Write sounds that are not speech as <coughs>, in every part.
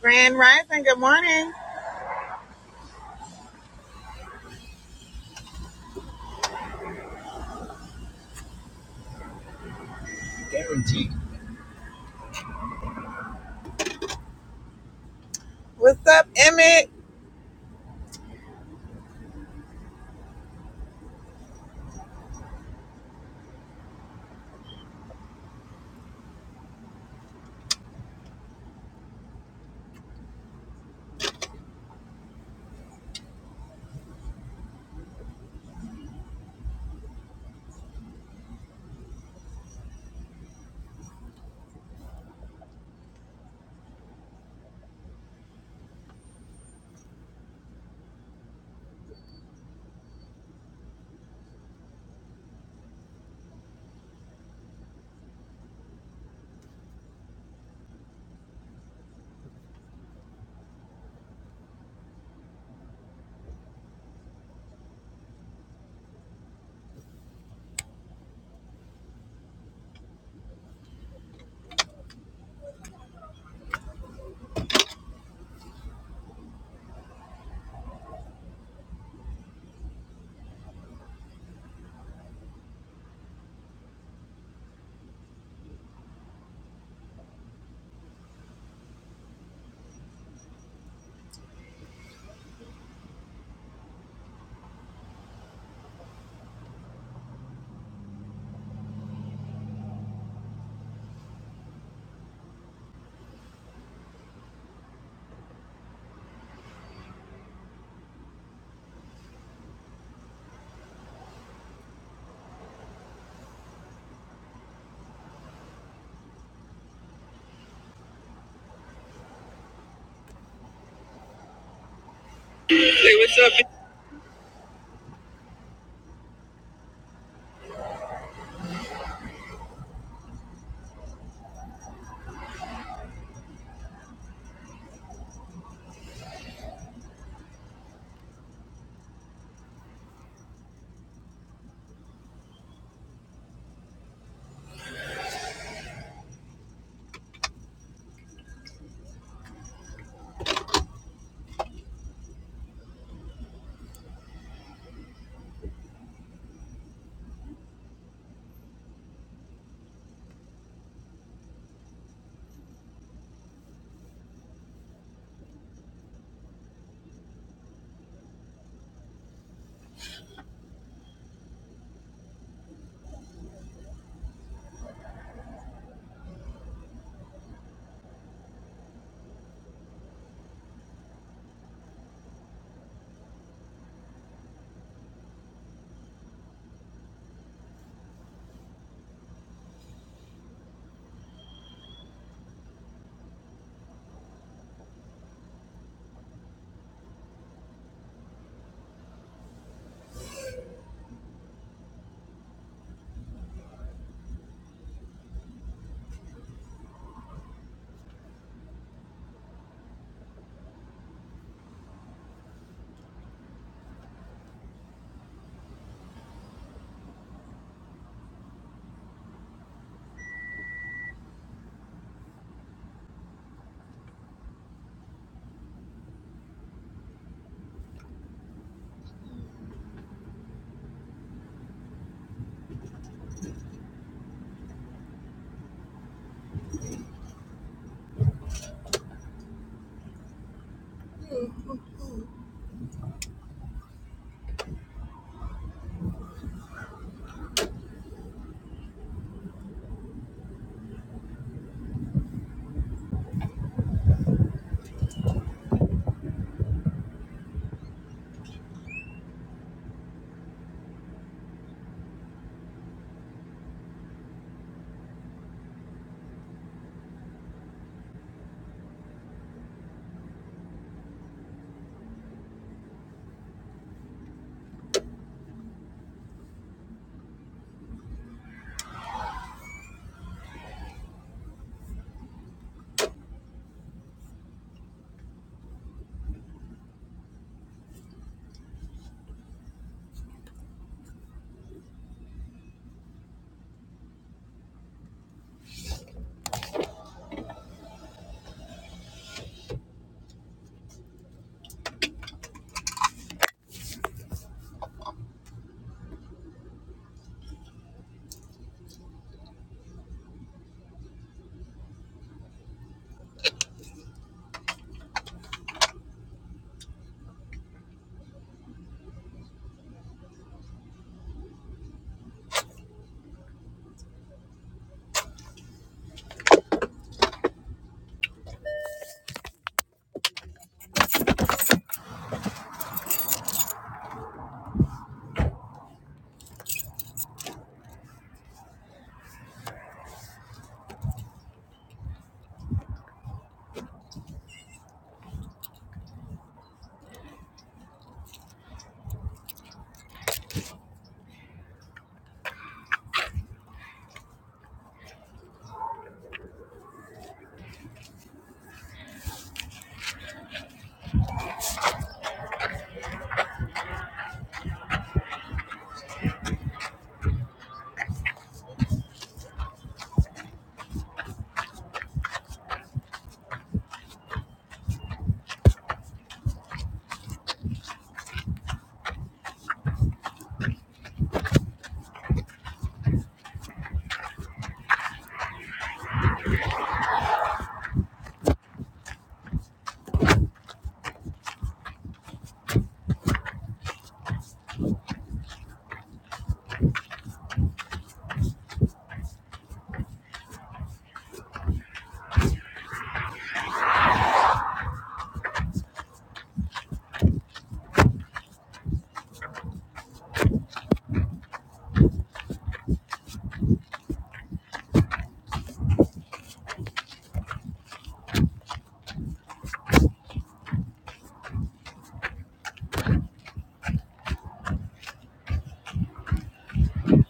Grand Rising, good morning. Guaranteed. What's up, Emmett?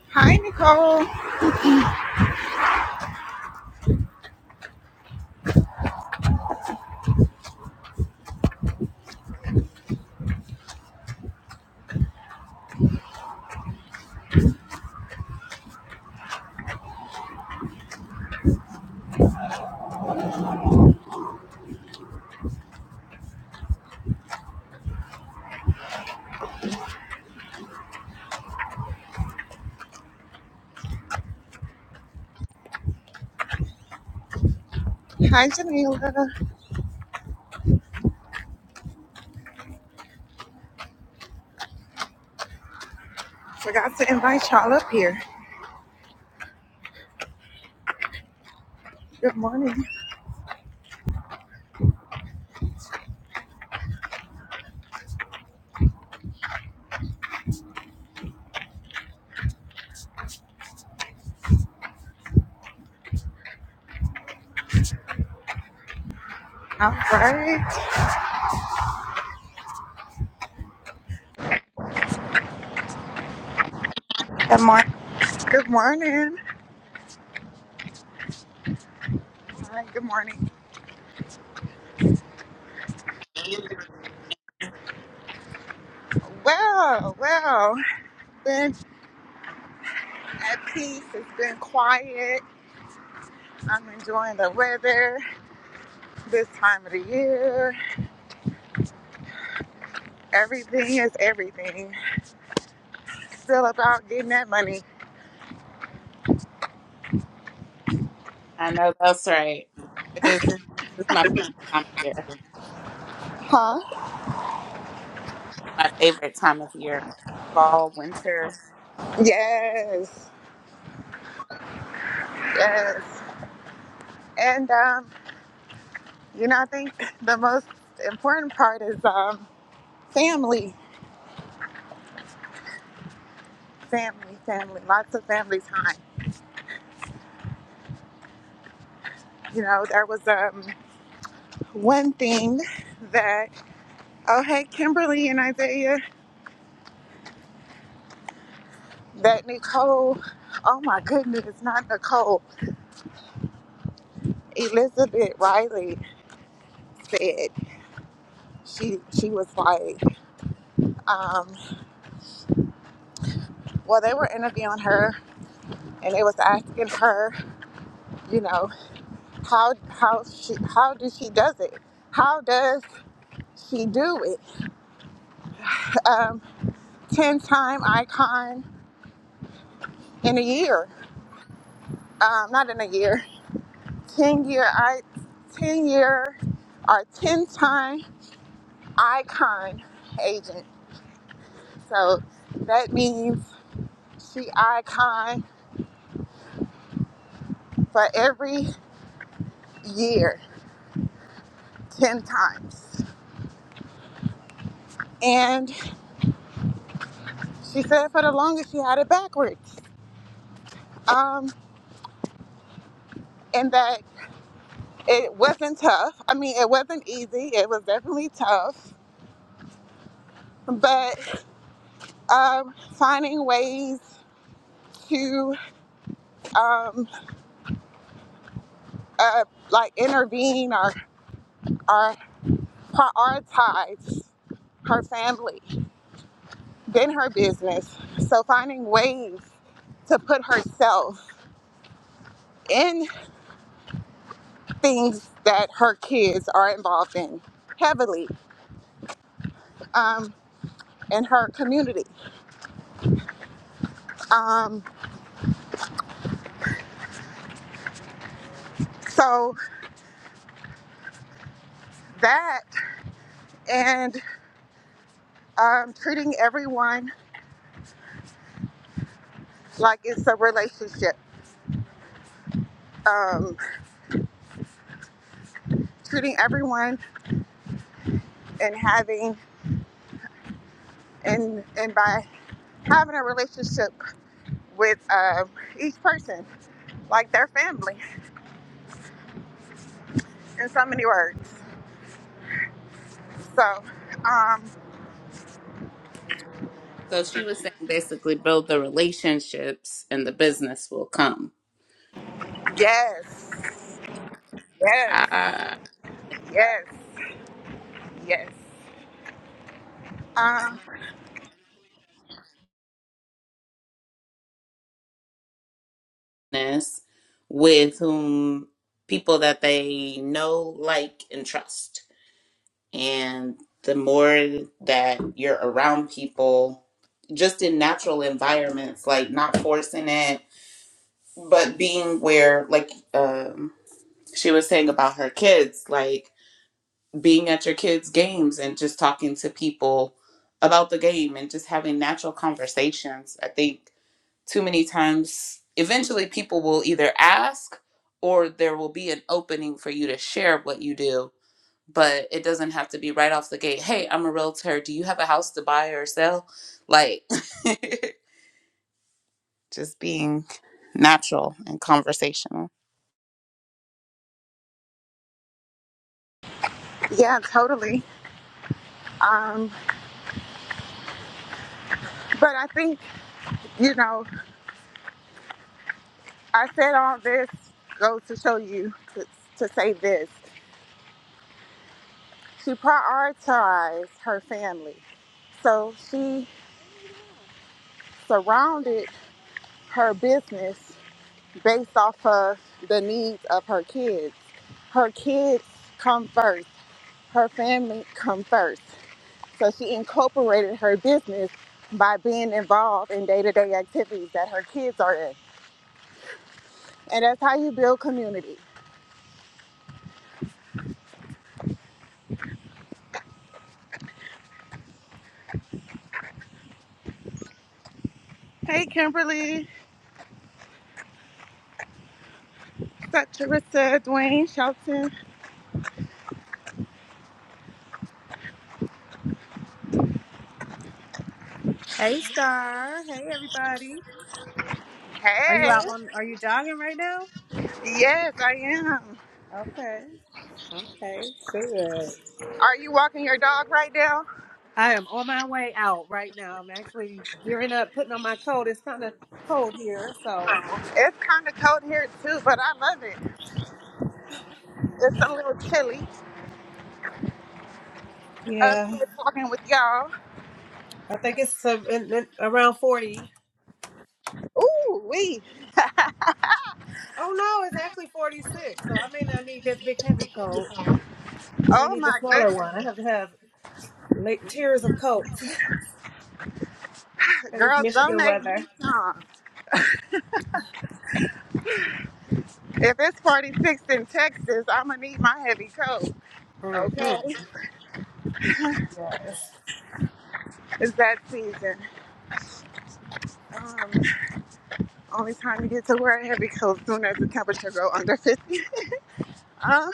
Hi, Nicole. Hi, Janila. Forgot to invite y'all up here. Good morning. All right. Good morning. Good morning. All right, good morning. Well, well, been at peace. It's been quiet. I'm enjoying the weather this time of the year. Everything is everything. Still about getting that money. I know that's right. It is this my favorite time of year. Huh? My favorite time of year. Fall, winter. Yes. Yes. And um, You know, I think the most important part is um, family, family, family, lots of family time. You know, there was um, one thing that, oh, hey, Kimberly and Isaiah, that Nicole, oh my goodness, not Nicole, Elizabeth Riley said, she, she was like, um, well, they were interviewing her and they was asking her, you know, how, how she, how does she does it? How does she do it? um, 10 time icon in a year. Um, not in a year, 10 year, I, 10 year or 10 time icon agent. So that means she icon for every year, 10 times. And she said for the longest she had it backwards. Um, and that it wasn't tough. I mean, it wasn't easy. It was definitely tough. But um, finding ways to um, uh, like intervene or, or prioritize her family than her business. So finding ways to put herself in things that her kids are involved in heavily um, in her community. Um, so that and um, treating everyone like it's a relationship. Um, treating everyone and having and and by having a relationship with um, each person, like their family, in so many words. So, um, So she was saying basically build the relationships and the business will come. yes, yes, I yes, yes. Um, business with whom people that they know, like, and trust. And the more that you're around people, just in natural environments, like not forcing it, but being where, like, um she was saying about her kids, like being at your kids' games and just talking to people about the game and just having natural conversations. I think too many times, eventually, people will either ask or there will be an opening for you to share what you do. But it doesn't have to be right off the gate. Hey, I'm a realtor. Do you have a house to buy or sell? Like, <laughs> just being natural and conversational. yeah, totally. Um, but I think, you know, I said all this goes to show you to, to say this. She prioritized her family. So she surrounded her business based off of the needs of her kids. Her kids come first, her family come first. So she incorporated her business by being involved in day to day activities that her kids are in. And that's how you build community. Hey, Kimberly, Saturissa, Dwayne, Shelton. Hey Star. Hey everybody. Are you Hey, out on are you jogging right now? yes, I am. Okay. Okay. Good. Are you walking your dog right now? I am on my way out right now. I'm actually gearing up, putting on my coat. It's kind of cold here, so It's kind of cold here too, but I love it. It's a little chilly up yeah. here talking with y'all. I think it's some- in- in- around 40. Ooh, wee. <laughs> Oh no, it's actually 46. So I may not need this big heavy coat. I may Oh need the my smaller goodness. one. I have to have like tiers of coats. <laughs> 'Cause it's Girl, Michigan donate me weather. some. If it's 46 in Texas, I'm going to need my heavy coat. Mhm. Okay. Yes. It's that season. Um, only time you get to wear a heavy coat soon as the temperature go under 50. Uh,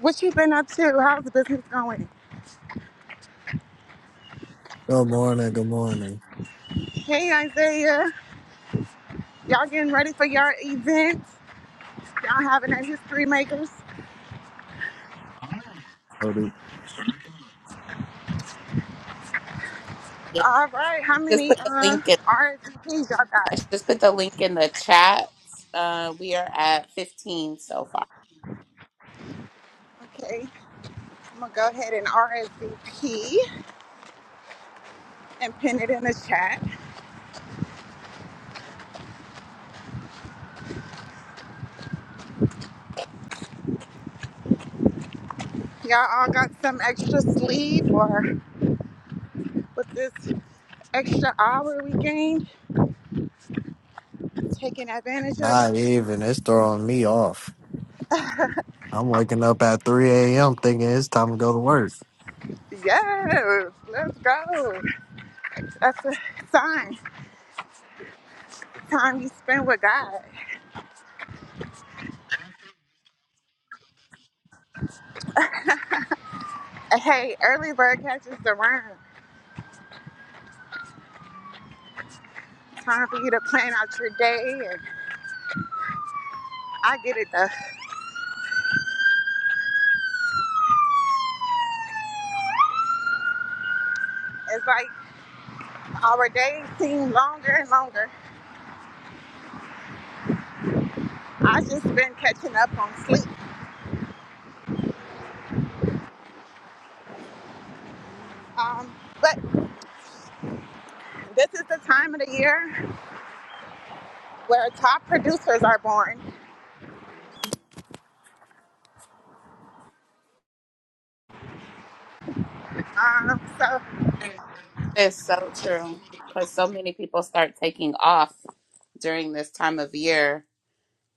what you been up to? How's the business going? Good morning. Good morning. Hey, Isaiah. Y'all getting ready for your event? Y'all having that History Makers? Oh, dude. Yeah, All right. How just many put the uh, link RSVPs y'all I got? just put the link in the chat. Uh, we are at 15 so far. Okay. I'm gonna go ahead and RSVP and pin it in the chat. Y'all all got some extra sleep or with this extra hour we gained, taking advantage of it. Not even. It's throwing me off. I'm waking up at 3 a.m. thinking it's time to go to work. Yes, let's go. That's a sign. Time you spend with God. Hey, early bird catches the worm. Time for you to plan out your day, and I get it though. It's like our days seem longer and longer. I just been catching up on sleep. Um, but this is the time of the year. where top producers are born. Um, so It's so true because so many people start taking off during this time of year,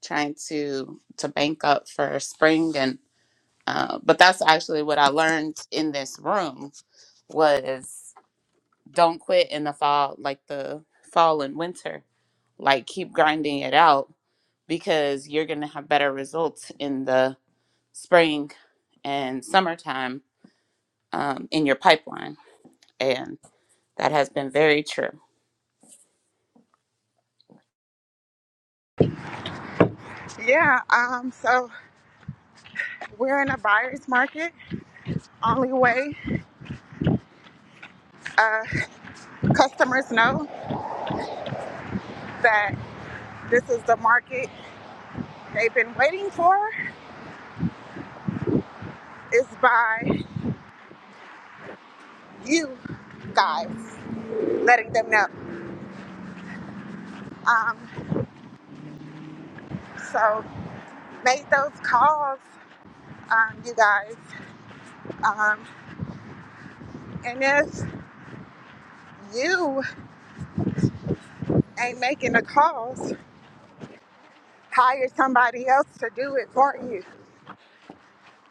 trying to to bank up for spring and. Uh, but that's actually what I learned in this room was don't quit in the fall, like the fall and winter. Like keep grinding it out because you're gonna have better results in the spring and summertime um, in your pipeline. And that has been very true. yeah, um, so we're in a buyer's market. Only way uh, customers know that this is the market they've been waiting for is by you guys letting them know. Um, so make those calls, um, you guys. Um, and if you ain't making the calls, hire somebody else to do it for you.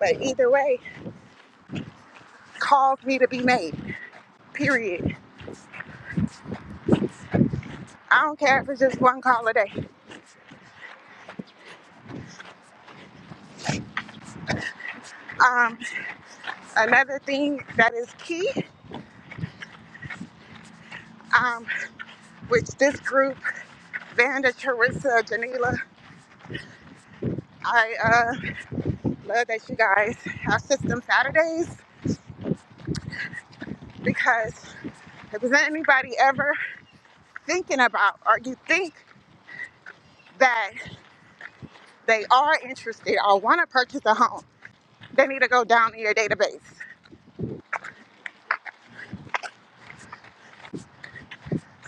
But either way, calls me to be made. Period. I don't care if it's just one call a day. Um, another thing that is key, um, which this group, Vanda, Teresa, Janila, I uh, love that you guys have System Saturdays because if there's anybody ever thinking about or you think that they are interested or want to purchase a home, they need to go down in your database.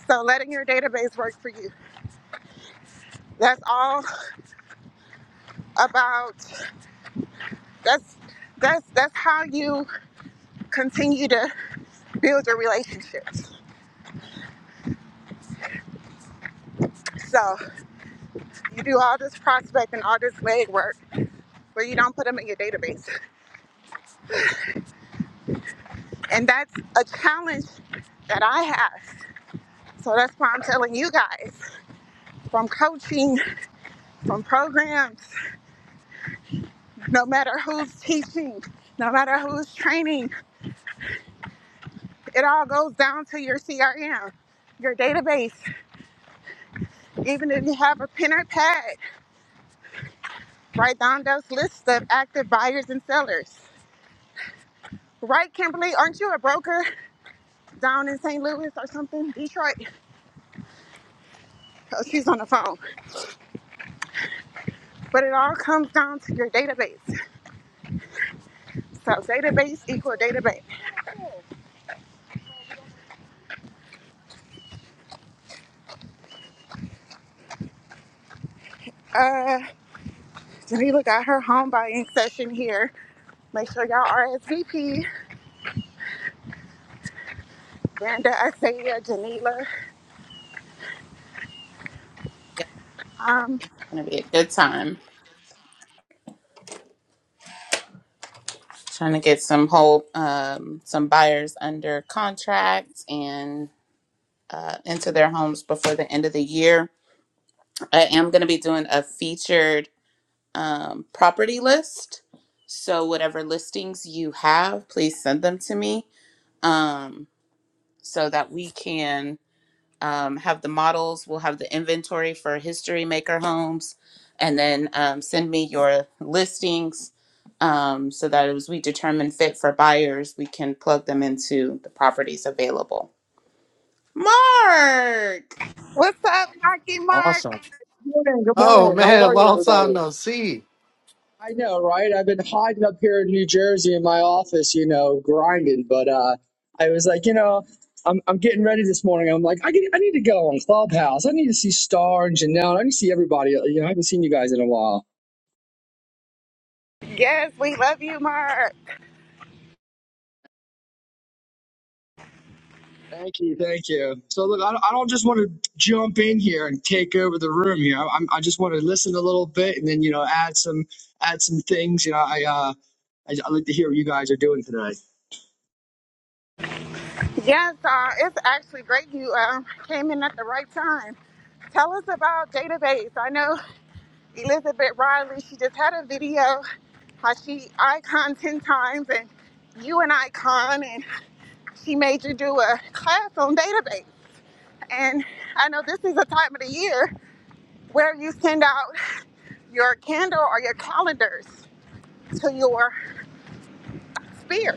So letting your database work for you. That's all about That's that's that's how you continue to build your relationships. So you do all this prospecting, all this legwork, where you don't put them in your database, and that's a challenge that I have. So that's why I'm telling you guys from coaching, from programs, no matter who's teaching, no matter who's training, it all goes down to your CRM, your database. Even if you have a pen or pad, write down those lists of active buyers and sellers. Right, Kimberly? Aren't you a broker down in St. Louis or something? Detroit. Oh, she's on the phone. But it all comes down to your database. So database equal database. Uh, Janila got her home buying session here. Make sure y'all RSVP. Brenda, Isaiah, Janila. Yeah, Um, it's going to be a good time trying to get some whole, um, some buyers under contract and uh, into their homes before the end of the year. I am going to be doing a featured um, property list. So, whatever listings you have, please send them to me um, so that we can um, have the models. We'll have the inventory for History Maker homes, and then um, send me your listings um, so that as we determine fit for buyers, we can plug them into the properties available. Mark. what's up, Marky Mark? Awesome. morning. Good Oh, morning. How man. <laughs> are you, Long time everybody? no see. I know, right? I've been hiding up here in New Jersey in my office, you know, grinding. But uh, I was like, you know, I'm I'm getting ready this morning. I'm like, I get, I need to go on Clubhouse. I need to see Star and Janelle. I need to see everybody. You know, I haven't seen you guys in a while. Yes, we love you, Mark. Thank you, thank you. So look, I don't, I don't just want to jump in here and take over the room here. I, I'm, I just want to listen a little bit and then you know add some add some things. You know, I uh, I, I like to hear what you guys are doing today. Yes, uh, it's actually great you um, came in at the right time. Tell us about database. I know. Elizabeth Riley, she just had a video how she iconed 10 times and you an icon and she made you do a class on database. And I know this is a time of the year where you send out your candle or your calendars to your sphere.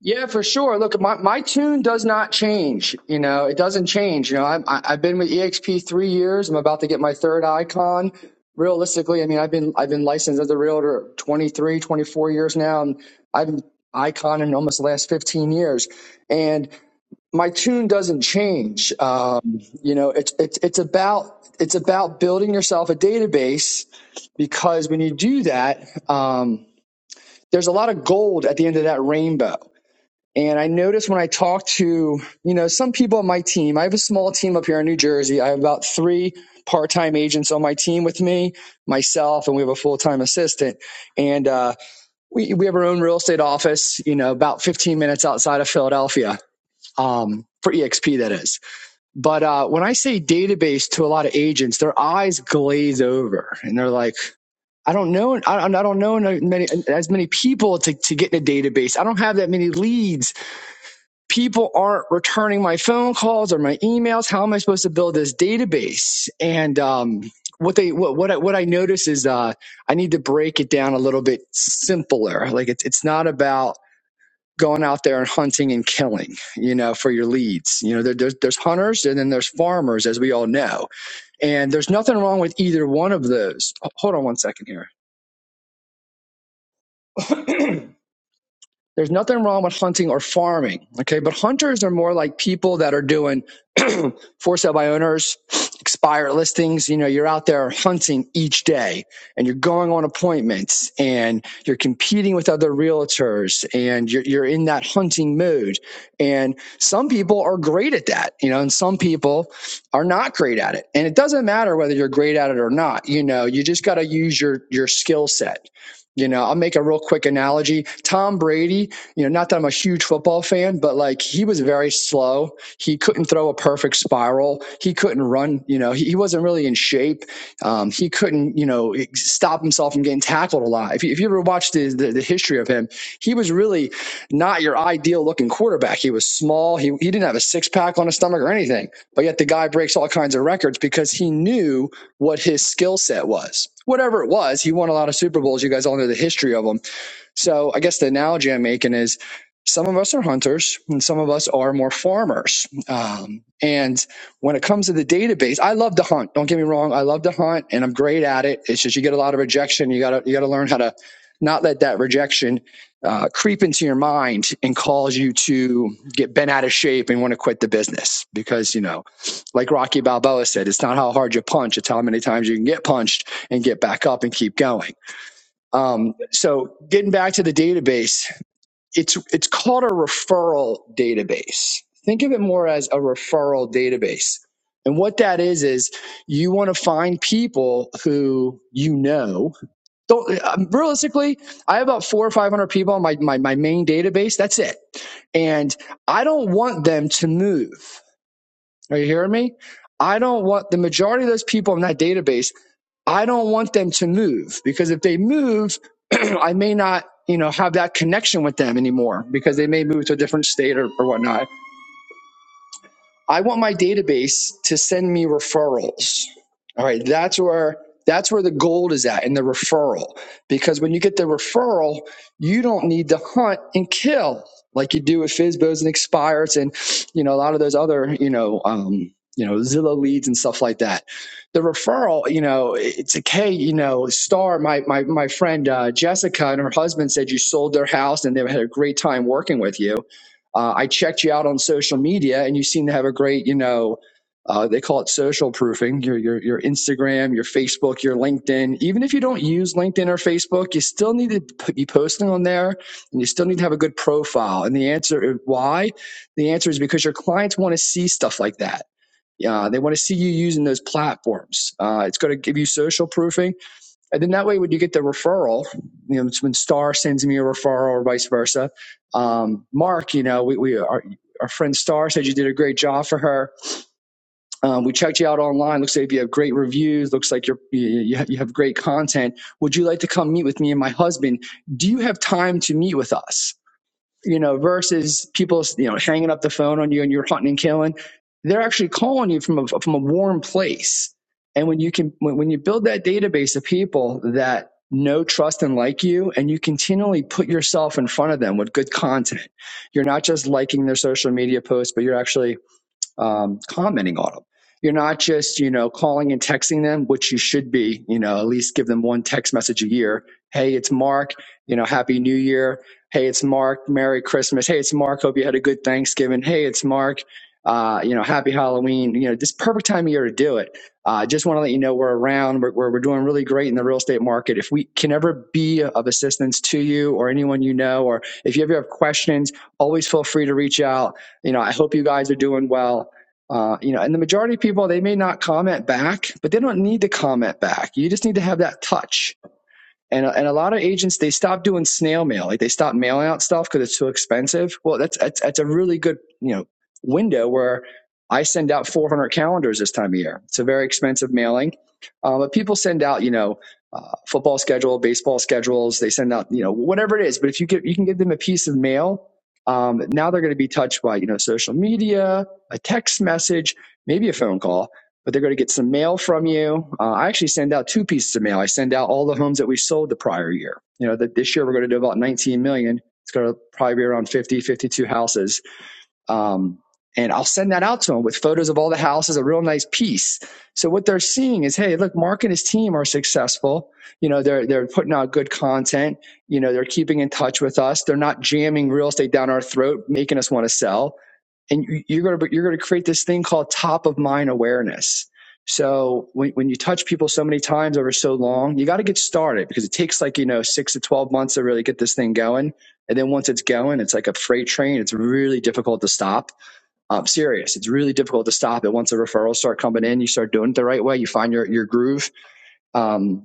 Yeah, for sure. Look, my, my tune does not change. You know, it doesn't change. You know, I'm, I- I've been with EXP three years. I'm about to get my third icon. Realistically, I mean, I've been I've been licensed as a realtor 23, 24 years now, and I've been icon in almost the last 15 years. And my tune doesn't change. Um, you know, it's it's it's about it's about building yourself a database because when you do that, um, there's a lot of gold at the end of that rainbow and I noticed when I talked to, you know, some people on my team, I have a small team up here in New Jersey. I have about three part time agents on my team with me, myself, and we have a full time assistant. And uh, we, we have our own real estate office, you know, about 15 minutes outside of Philadelphia um, for EXP, that is. But uh, when I say database to a lot of agents, their eyes glaze over and they're like, I don't know, I, I don't know many, as many people to, to get in a database. I don't have that many leads people aren't returning my phone calls or my emails. How am I supposed to build this database? And um, what they what what I, what I notice is uh, I need to break it down a little bit simpler. Like it's it's not about going out there and hunting and killing, you know, for your leads. You know, there, there's there's hunters and then there's farmers, as we all know. And there's nothing wrong with either one of those. H- Hold on one second here. There's nothing wrong with hunting or farming, okay? But hunters are more like people that are doing for sale by owners, expired listings. You know, you're out there hunting each day and you're going on appointments and you're competing with other realtors and you're, you're in that hunting mood. And some people are great at that, you know, and some people are not great at it. And it doesn't matter whether you're great at it or not. You know, you just got to use your, your skill set. You know, I'll make a real quick analogy. Tom Brady, you know, not that I'm a huge football fan, but like he was very slow he couldn't throw a perfect spiral. He couldn't run. You know, he, he wasn't really in shape. Um, he couldn't, you know, stop himself from getting tackled a lot. If you, if you ever watched the, the, the history of him, he was really not your ideal looking quarterback. He was small. He, he didn't have a six pack on his stomach or anything. But yet the guy breaks all kinds of records because he knew what his skill set was. Whatever it was, he won a lot of Super Bowls. You guys all know the history of them so I guess the analogy I'm making is some of us are hunters and some of us are more farmers. Um, and when it comes to the database, I love to hunt. Don't get me wrong. I love to hunt and I'm great at it. It's just, you get a lot of rejection. You gotta, you gotta learn how to not let that rejection uh, creep into your mind and cause you to get bent out of shape and want to quit the business because, you know, like Rocky Balboa said, it's not how hard you punch. It's how many times you can get punched and get back up and keep going. Um, so getting back to the database, it's it's called a referral database. Think of it more as a referral database. And what that is is you want to find people who you know. Don't, um, realistically, I have about four or five hundred people on my, my my main database. That's it, and I don't want them to move. Are you hearing me? I don't want the majority of those people in that database. I don't want them to move because if they move, <clears throat> I may not, you know, have that connection with them anymore because they may move to a different state or, or whatnot. I want my database to send me referrals. All right, that's where that's where the gold is at in the referral. Because when you get the referral, you don't need to hunt and kill like you do with Fizbos and Expires and you know a lot of those other you know um, you know Zillow leads and stuff like that. The referral, you know, it's like hey, you know, Star, my my my friend uh, Jessica and her husband said you sold their house and they had a great time working with you uh, I checked you out on social media, and you seem to have a great, you know, uh, they call it social proofing. Your your your Instagram, your Facebook, your LinkedIn. Even if you don't use LinkedIn or Facebook, you still need to be posting on there, and you still need to have a good profile. And the answer uh, why? The answer is because your clients want to see stuff like that. Yeah, they want to see you using those platforms. Uh, it's going to give you social proofing and then that way, when you get the referral, you know, it's when Star sends me a referral or vice versa. Um, Mark, you know, we, we our, our friend Star said you did a great job for her. Um, we checked you out online. Looks like you have great reviews. Looks like you're, you, you ha- you have great content. Would you like to come meet with me and my husband? Do you have time to meet with us? you know, versus people, you know, hanging up the phone on you and you're hunting and killing. They're actually calling you from a from a warm place. And when you can, when, when you build that database of people that know, trust, and like you, and you continually put yourself in front of them with good content, you're not just liking their social media posts, but you're actually um, commenting on them. You're not just, you know, calling and texting them, which you should be, you know, at least give them one text message a year. Hey, it's Mark, you know, happy new year. Hey, it's Mark, Merry Christmas. Hey, it's Mark, hope you had a good Thanksgiving. Hey, it's Mark, uh, you know, happy Halloween. You know, this perfect time of year to do it. I Uh, just want to let you know we're around, we're, we're, we're doing really great in the real estate market. If we can ever be of assistance to you or anyone you know, or if you ever have questions, always feel free to reach out you know, I hope you guys are doing well. Uh, you know, and the majority of people, they may not comment back, but they don't need to comment back. You just need to have that touch. And, uh, and a lot of agents they stop doing snail mail, like they stop mailing out stuff because it's too expensive. Well, that's, that's that's a really good you know window where I send out 400 calendars this time of year. It's a very expensive mailing, uh, but people send out you know uh, football schedule, baseball schedules. They send out you know whatever it is. But if you get you can give them a piece of mail, um, now they're going to be touched by you know social media, a text message, maybe a phone call but they're going to get some mail from you. Uh, I actually send out two pieces of mail. I send out all the homes that we sold the prior year. You know, that this year we're going to do about 19 million. It's going to probably be around 50, 52 houses. Um, and I'll send that out to them with photos of all the houses, a real nice piece. So what they're seeing is, hey, look, Mark and his team are successful. You know, they're they're putting out good content. You know, they're keeping in touch with us. They're not jamming real estate down our throat, making us want to sell and you- are going to you're going to create this thing called top of mind awareness so when, when you touch people so many times over so long you got to get started because it takes like you know six to 12 months to really get this thing going and then once it's going it's like a freight train it's really difficult to stop i'm serious it's really difficult to stop it once the referrals start coming in you start doing it the right way you find your, your groove Um,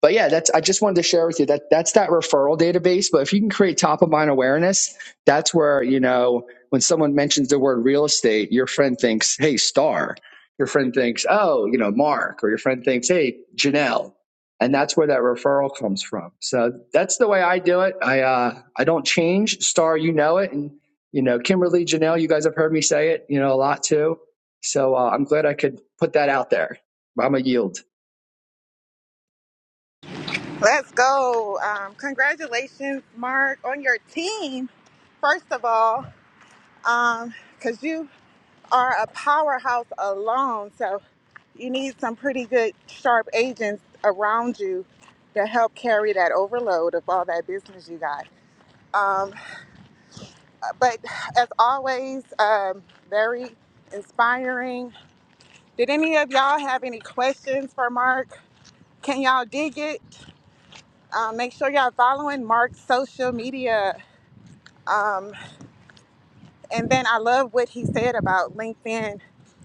but yeah, that's I just wanted to share with you that that's that referral database. But if you can create top of mind awareness, that's where you know when someone mentions the word real estate, your friend thinks, "Hey, Star." Your friend thinks, "Oh, you know, Mark," or your friend thinks, "Hey, Janelle," and that's where that referral comes from. So that's the way I do it. I uh, I don't change. Star, you know it, and you know Kimberly, Janelle, you guys have heard me say it, you know, a lot too. So uh, I'm glad I could put that out there. I'm a yield. Let's go. Um, congratulations, Mark, on your team, first of all, because um, you are a powerhouse alone. So you need some pretty good, sharp agents around you to help carry that overload of all that business you got. Um, but as always, um, very inspiring. Did any of y'all have any questions for Mark? Can y'all dig it? Um, make sure y'all following Mark's social media. Um, and then I love what he said about LinkedIn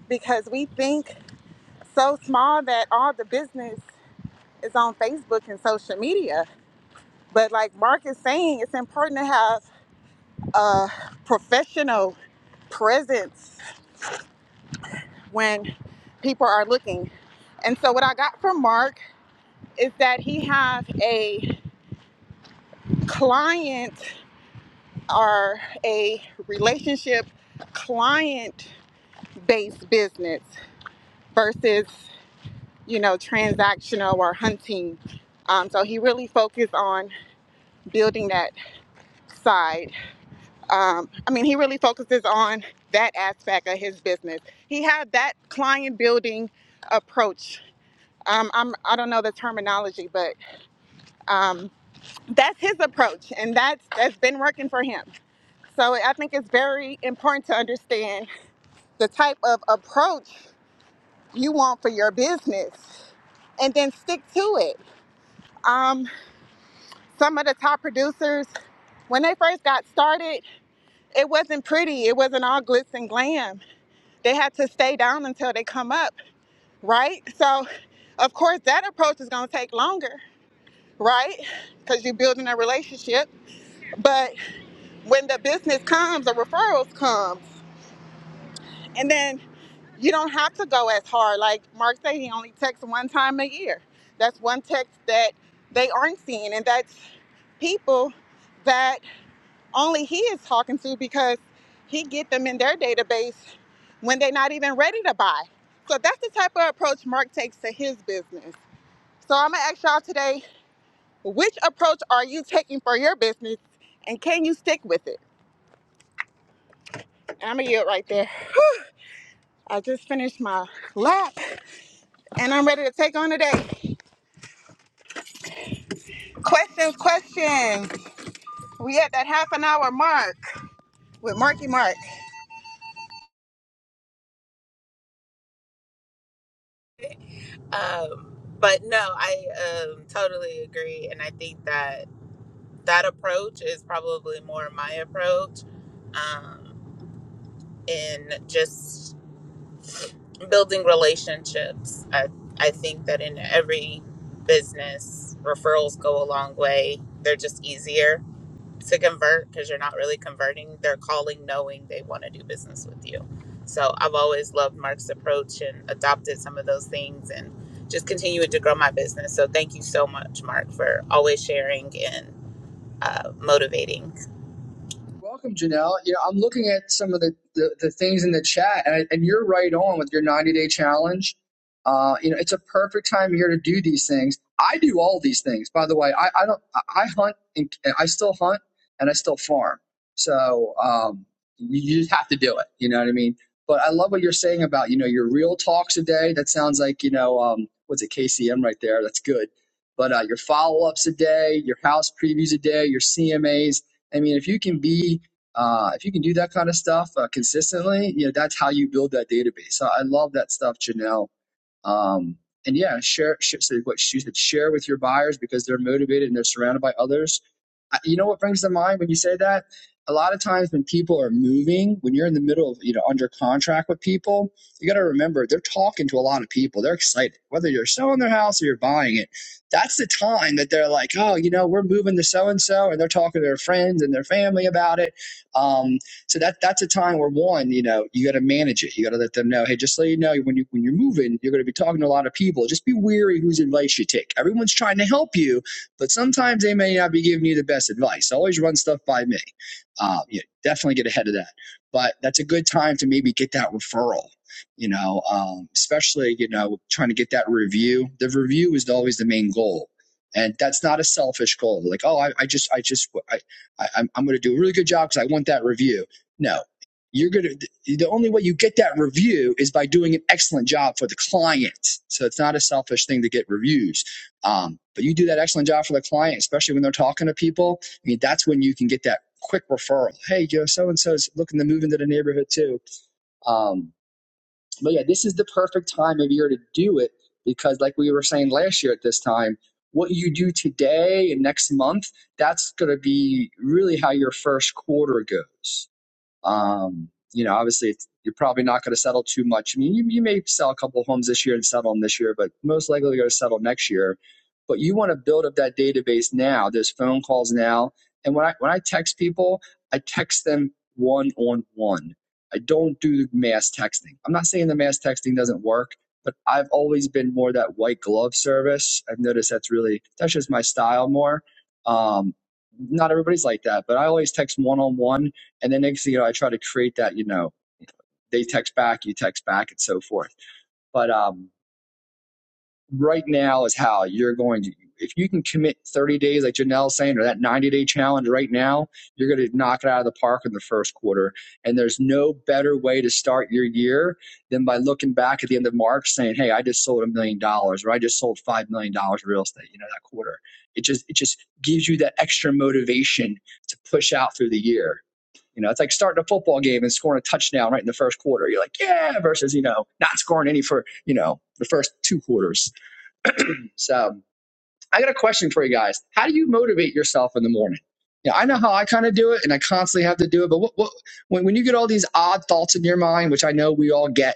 because we think so small that all the business is on Facebook and social media. But like Mark is saying, it's important to have a professional presence when people are looking. And so what I got from Mark is that he has a client or a relationship client based business versus, you know, transactional or hunting. Um, so he really focused on building that side. um, I mean, he really focuses on that aspect of his business. He had that client building approach. Um, I'm, I don't know the terminology, but um, that's his approach, and that's that's been working for him. So I think it's very important to understand the type of approach you want for your business, and then stick to it. Um, some of the top producers, when they first got started, it wasn't pretty. It wasn't all glitz and glam they had to stay down until they come up, right? So, of course, that approach is going to take longer, right? Because you're building a relationship. But when the business comes, the referrals come, and then you don't have to go as hard. Like Mark said, he only texts one time a year. That's one text that they aren't seeing, and that's people that only he is talking to because he get them in their database when they're not even ready to buy. So that's the type of approach Mark takes to his business. So I'm gonna ask y'all today, which approach are you taking for your business and can you stick with it? I'm gonna yield right there. I just finished my lap and I'm ready to take on today. Questions, questions. We at that half an hour mark with Marky Mark. Um, but no, I um, totally agree, and I think that that approach is probably more my approach, um, in just building relationships. I, I think that in every business, referrals go a long way. They're just easier to convert because you're not really converting. They're calling knowing they want to do business with you. So I've always loved Mark's approach and adopted some of those things and just continued to grow my business. So thank you so much, Mark, for always sharing and uh, motivating. Welcome, Janelle. Yeah, I'm looking at some of the, the, the things in the chat, and, I, and you're right on with your 90 day challenge. Uh, you know, it's a perfect time here to do these things. I do all these things, by the way. I, I don't. I I hunt, and I still hunt, and I still farm. So um, you you just have to do it. You know what I mean? But I love what you're saying about you know your real talks a day. That sounds like you know um, what's it KCM right there. That's good. But uh, your follow ups a day, your house previews a day, your CMAs I mean, if you can be, uh, if you can do that kind of stuff uh, consistently, you know, that's how you build that database. So I love that stuff, Janelle. Um, and yeah, share, share so what she said, share with your buyers because they're motivated and they're surrounded by others. I, you know what brings to mind when you say that? A lot of times when people are moving, when you're in the middle of, you know, under contract with people, you got to remember they're talking to a lot of people. They're excited, whether you're selling their house or you're buying it. That's the time that they're like, oh, you know, we're moving to so and so, and they're talking to their friends and their family about it. Um. So that that's a time where one, you know, you got to manage it. You got to let them know, hey, just so you know, when you when you're moving, you're going to be talking to a lot of people. Just be wary whose advice you take. Everyone's trying to help you, but sometimes they may not be giving you the best advice. Always run stuff by me. Uh, yeah, definitely get ahead of that. But that's a good time to maybe get that referral. You know, um, especially you know trying to get that review. The review is always the main goal, and that's not a selfish goal. Like, oh, I, I just, I just, I, I, I'm, I'm going to do a really good job because I want that review no, you're gonna. The only way you get that review is by doing an excellent job for the client. So it's not a selfish thing to get reviews. Um, but you do that excellent job for the client, especially when they're talking to people. I mean, that's when you can get that quick referral. Hey, you know, so and so's looking to move into the neighborhood too. Um, but yeah, this is the perfect time of year to do it because, like we were saying last year at this time, what you do today and next month, that's going to be really how your first quarter goes. Um, you know, obviously, it's, you're probably not going to settle too much. I mean, you, you may sell a couple of homes this year and settle them this year, but most likely you're going to settle next year. But you want to build up that database now. There's phone calls now, and when I when I text people, I text them one on one. I don't do mass texting. I'm not saying the mass texting doesn't work, but I've always been more that white glove service. I've noticed that's really that's just my style more. Um, not everybody's like that, but I always text one on one and the next thing you know, I try to create that, you know, they text back, you text back, and so forth. But um, right now is how you're going to, if you can commit 30 days, like Janelle's saying, or that 90 day challenge right now, you're going to knock it out of the park in the first quarter. And there's no better way to start your year than by looking back at the end of March saying, hey, I just sold a million dollars, or I just sold $5 million dollars in real estate, you know, that quarter. It just, it just gives you that extra motivation to push out through the year you know, it's like starting a football game and scoring a touchdown right in the first quarter. You're like, yeah, versus, you know, not scoring any for, you know, the first two quarters. So I got a question for you guys. How do you motivate yourself in the morning? Yeah, I know how I kind of do it and I constantly have to do it. But what, what when, when you get all these odd thoughts in your mind, which I know we all get,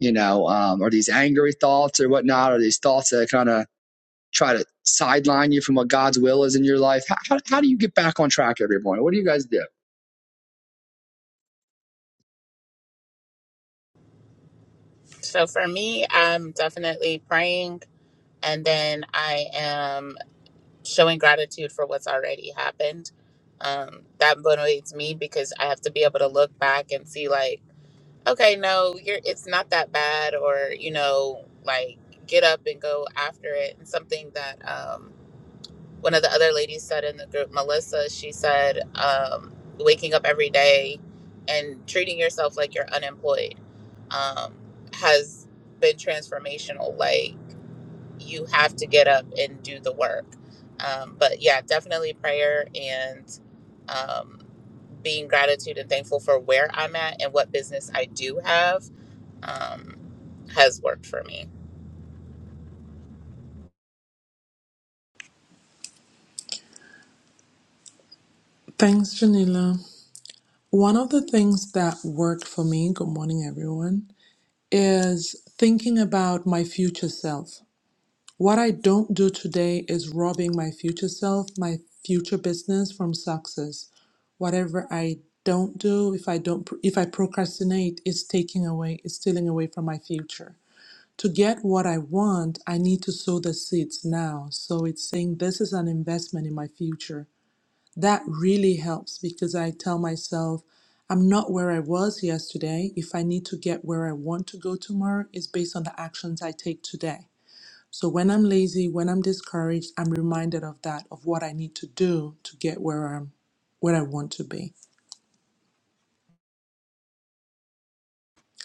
you know, um, or these angry thoughts or whatnot, or these thoughts that kind of try to sideline you from what God's will is in your life, how, how, how do you get back on track every morning? What do you guys do? So for me, I'm definitely praying and then I am showing gratitude for what's already happened. Um, that motivates me because I have to be able to look back and see like, okay, no, you're it's not that bad, or you know, like get up and go after it. And something that um, one of the other ladies said in the group, Melissa, she said, um, waking up every day and treating yourself like you're unemployed um, has been transformational. Like you have to get up and do the work. Um, but yeah, definitely prayer and um, being gratitude and thankful for where I'm at and what business I do have um, has worked for me. Thanks, Janila. One of the things that worked for me, good morning, everyone, is thinking about my future self. What I don't do today is robbing my future self, my future business from success. Whatever I don't do, if I don't, if I procrastinate, it's taking away, it's stealing away from my future. To get what I want, I need to sow the seeds now. So it's saying this is an investment in my future that really helps because I tell myself, I'm not where I was yesterday. If I need to get where I want to go tomorrow, it's based on the actions I take today. So when I'm lazy, when I'm discouraged, I'm reminded of that, of what I need to do to get where I'm where I want to be.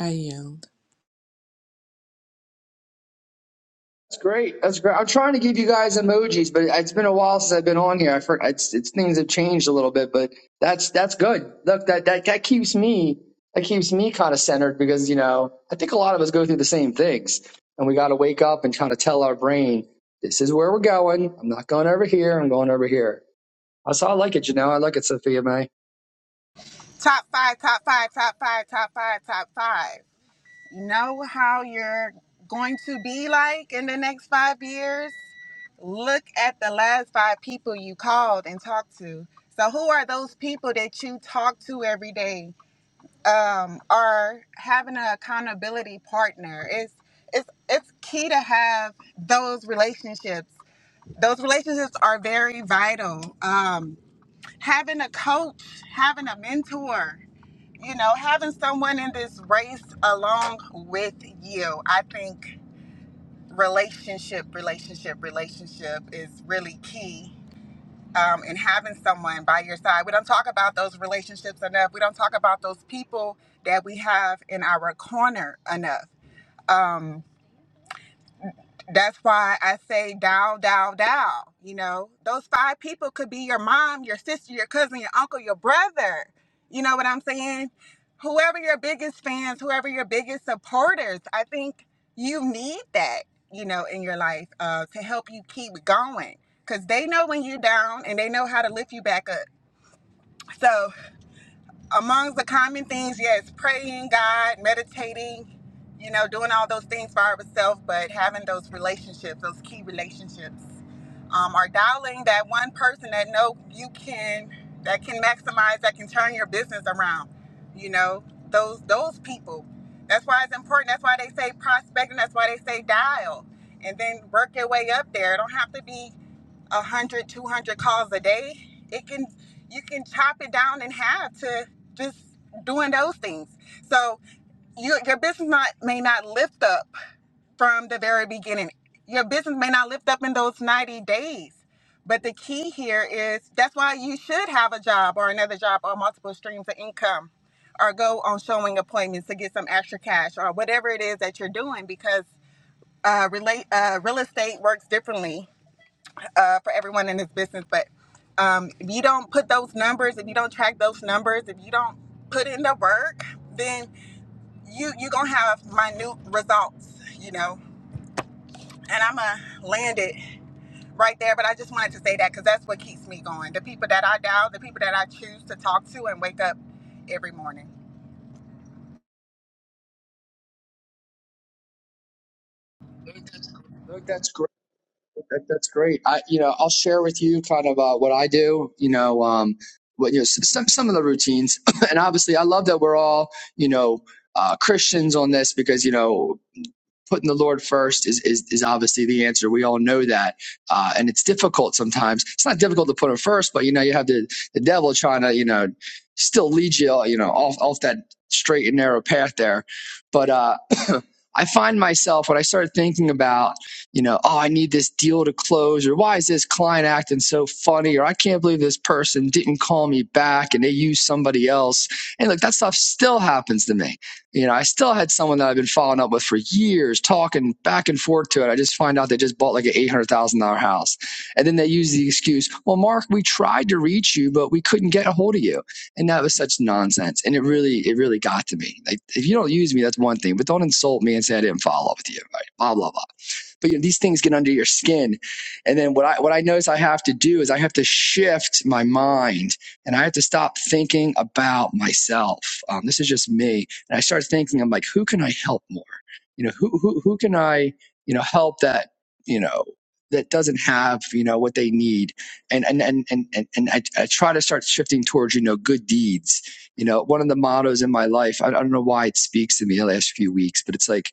I yield. That's great. That's great. I'm trying to give you guys emojis, but it's been a while since I've been on here. I for, it's, it's things have changed a little bit, but that's that's good. Look, that that that keeps me that keeps me kind of centered because you know I think a lot of us go through the same things, and we got to wake up and kind of tell our brain this is where we're going. I'm not going over here. I'm going over here. That's how I like it, you know. I like it, Sophia May. Top five, top five, top five, top five, top five. know how you're going to be like in the next five years, look at the last five people you called and talked to. So, who are those people that you talk to every day? Um, or having an accountability partner. It's it's it's key to have those relationships. Those relationships are very vital. Um, having a coach, having a mentor you know, having someone in this race along with you, I think relationship, relationship, relationship is really key. Um, and having someone by your side. We don't talk about those relationships enough. We don't talk about those people that we have in our corner enough. Um, that's why I say down, down, down. You know, those five people could be your mom, your sister, your cousin, your uncle, your brother. You know what I'm saying? Whoever your biggest fans, whoever your biggest supporters, I think you need that, you know, in your life uh, to help you keep going. Because they know when you're down and they know how to lift you back up. So. Among the common things, yes, praying, God, meditating, you know, doing all those things by ourselves, but having those relationships, those key relationships, um, are dialing that one person that know you can, that can maximize, that can turn your business around, you know, those those people. That's why it's important. That's why they say prospecting. That's why they say dial, and then work your way up there. It don't have to be. 100 200 calls a day it can you can chop it down in half to just doing those things so you, your business not, may not lift up from the very beginning your business may not lift up in those 90 days but the key here is that's why you should have a job or another job or multiple streams of income or go on showing appointments to get some extra cash or whatever it is that you're doing because uh, relate, uh, real estate works differently uh, for everyone in this business. But um, if you don't put those numbers, if you don't track those numbers, if you don't put in the work, then you you're gonna have minute results, you know. And I'm gonna land it right there. But I just wanted to say that because that's what keeps me going. The people that I dial, the people that I choose to talk to and wake up every morning. Look, that's That, that's great. I, you know, I'll share with you kind of uh, what I do. You know, um, what you know, some some of the routines, <coughs> <clears throat> and obviously, I love that we're all you know uh, Christians on this because you know putting the Lord first is, is, is obviously the answer. We all know that. Uh, and it's difficult sometimes. It's not difficult to put him first, but you know, you have the, the devil trying to, you know, still lead you, you know, off, off that straight and narrow path there. But, uh, <clears throat> I find myself when I start thinking about, you know, oh, I need this deal to close, or why is this client acting so funny, or I can't believe this person didn't call me back and they used somebody else. And look, that stuff still happens to me you know, I still had someone that I've been following up with for years, talking back and forth to it. I just find out they just bought like an eight hundred thousand dollar house, and then they use the excuse, "Well, Mark, we tried to reach you, but we couldn't get a hold of you," and that was such nonsense. And it really, it really got to me. Like, if you don't use me, that's one thing, but don't insult me and say I didn't follow up with you. Right? Blah blah blah but you know, these things get under your skin. And then what I what I notice I have to do is I have to shift my mind and I have to stop thinking about myself. Um, this is just me, and I start thinking I'm like, who can I help more? You know, who who who can I you know help that you know that doesn't have you know what they need and and and and and, and I, I try to start shifting towards you know good deeds you know one of the mottos in my life I, I don't know why it speaks to me the last few weeks but it's like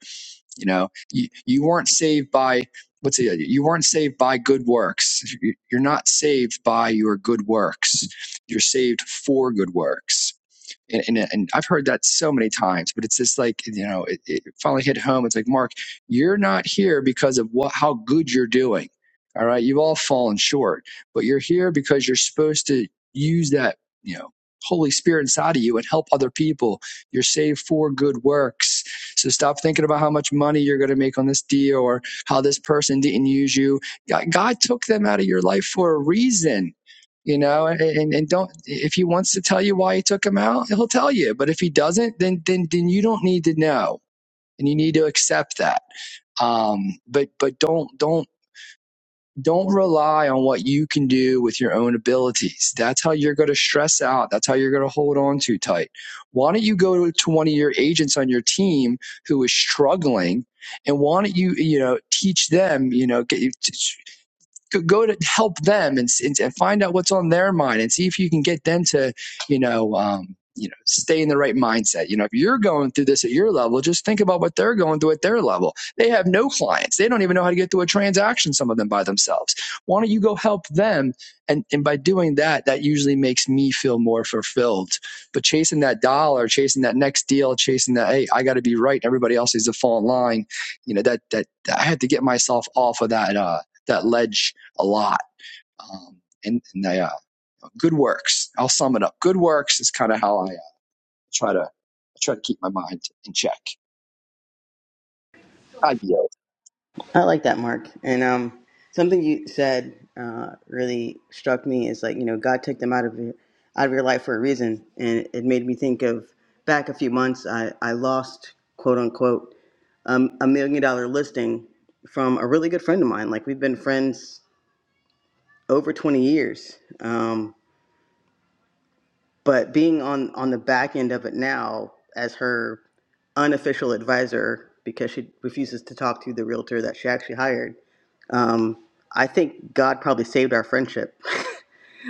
you know, you, you weren't saved by what's it? You weren't saved by good works. You- You're not saved by your good works. You're saved for good works and, and, and I've heard that so many times, but it's just like, you know, it, it finally hit home. It's like, Mark, you're not here because of what, how good you're doing. All right. You've all fallen short, but you're here because you're supposed to use that, you know, Holy Spirit inside of you and help other people. You're saved for good works. So stop thinking about how much money you're going to make on this deal or how this person didn't use you. God God took them out of your life for a reason you know and and don't if he wants to tell you why he took him out he'll tell you but if he doesn't then then then you don't need to know and you need to accept that um but but don't don't don't rely on what you can do with your own abilities that's how you're going to stress out that's how you're going to hold on too tight why don't you go to one of your agents on your team who is struggling and why don't you you know teach them you know get you go, to help them and, and and find out what's on their mind and see if you can get them to you know um you know stay in the right mindset you know if you're going through this at your level just think about what they're going through at their level they have no clients they don't even know how to get through a transaction some of them by themselves why don't you go help them and and by doing that that usually makes me feel more fulfilled but chasing that dollar chasing that next deal chasing that hey i got to be right everybody else needs to fall in line you know that that i had to get myself off of that uh that ledge a lot. Um, and and they, uh, good works. I'll sum it up. Good works is kind of how I uh, try to I try to keep my mind in check. I yield. I like that, Mark. And um, something you said uh, really struck me is like you know God took them out of your out of your life for a reason, and it made me think of back a few months. I I lost quote unquote um, a million dollar listing from a really good friend of mine. Like we've been friends over twenty years, um, but being on on the back end of it now as her unofficial advisor because she refuses to talk to the realtor that she actually hired Um, I think God probably saved our friendship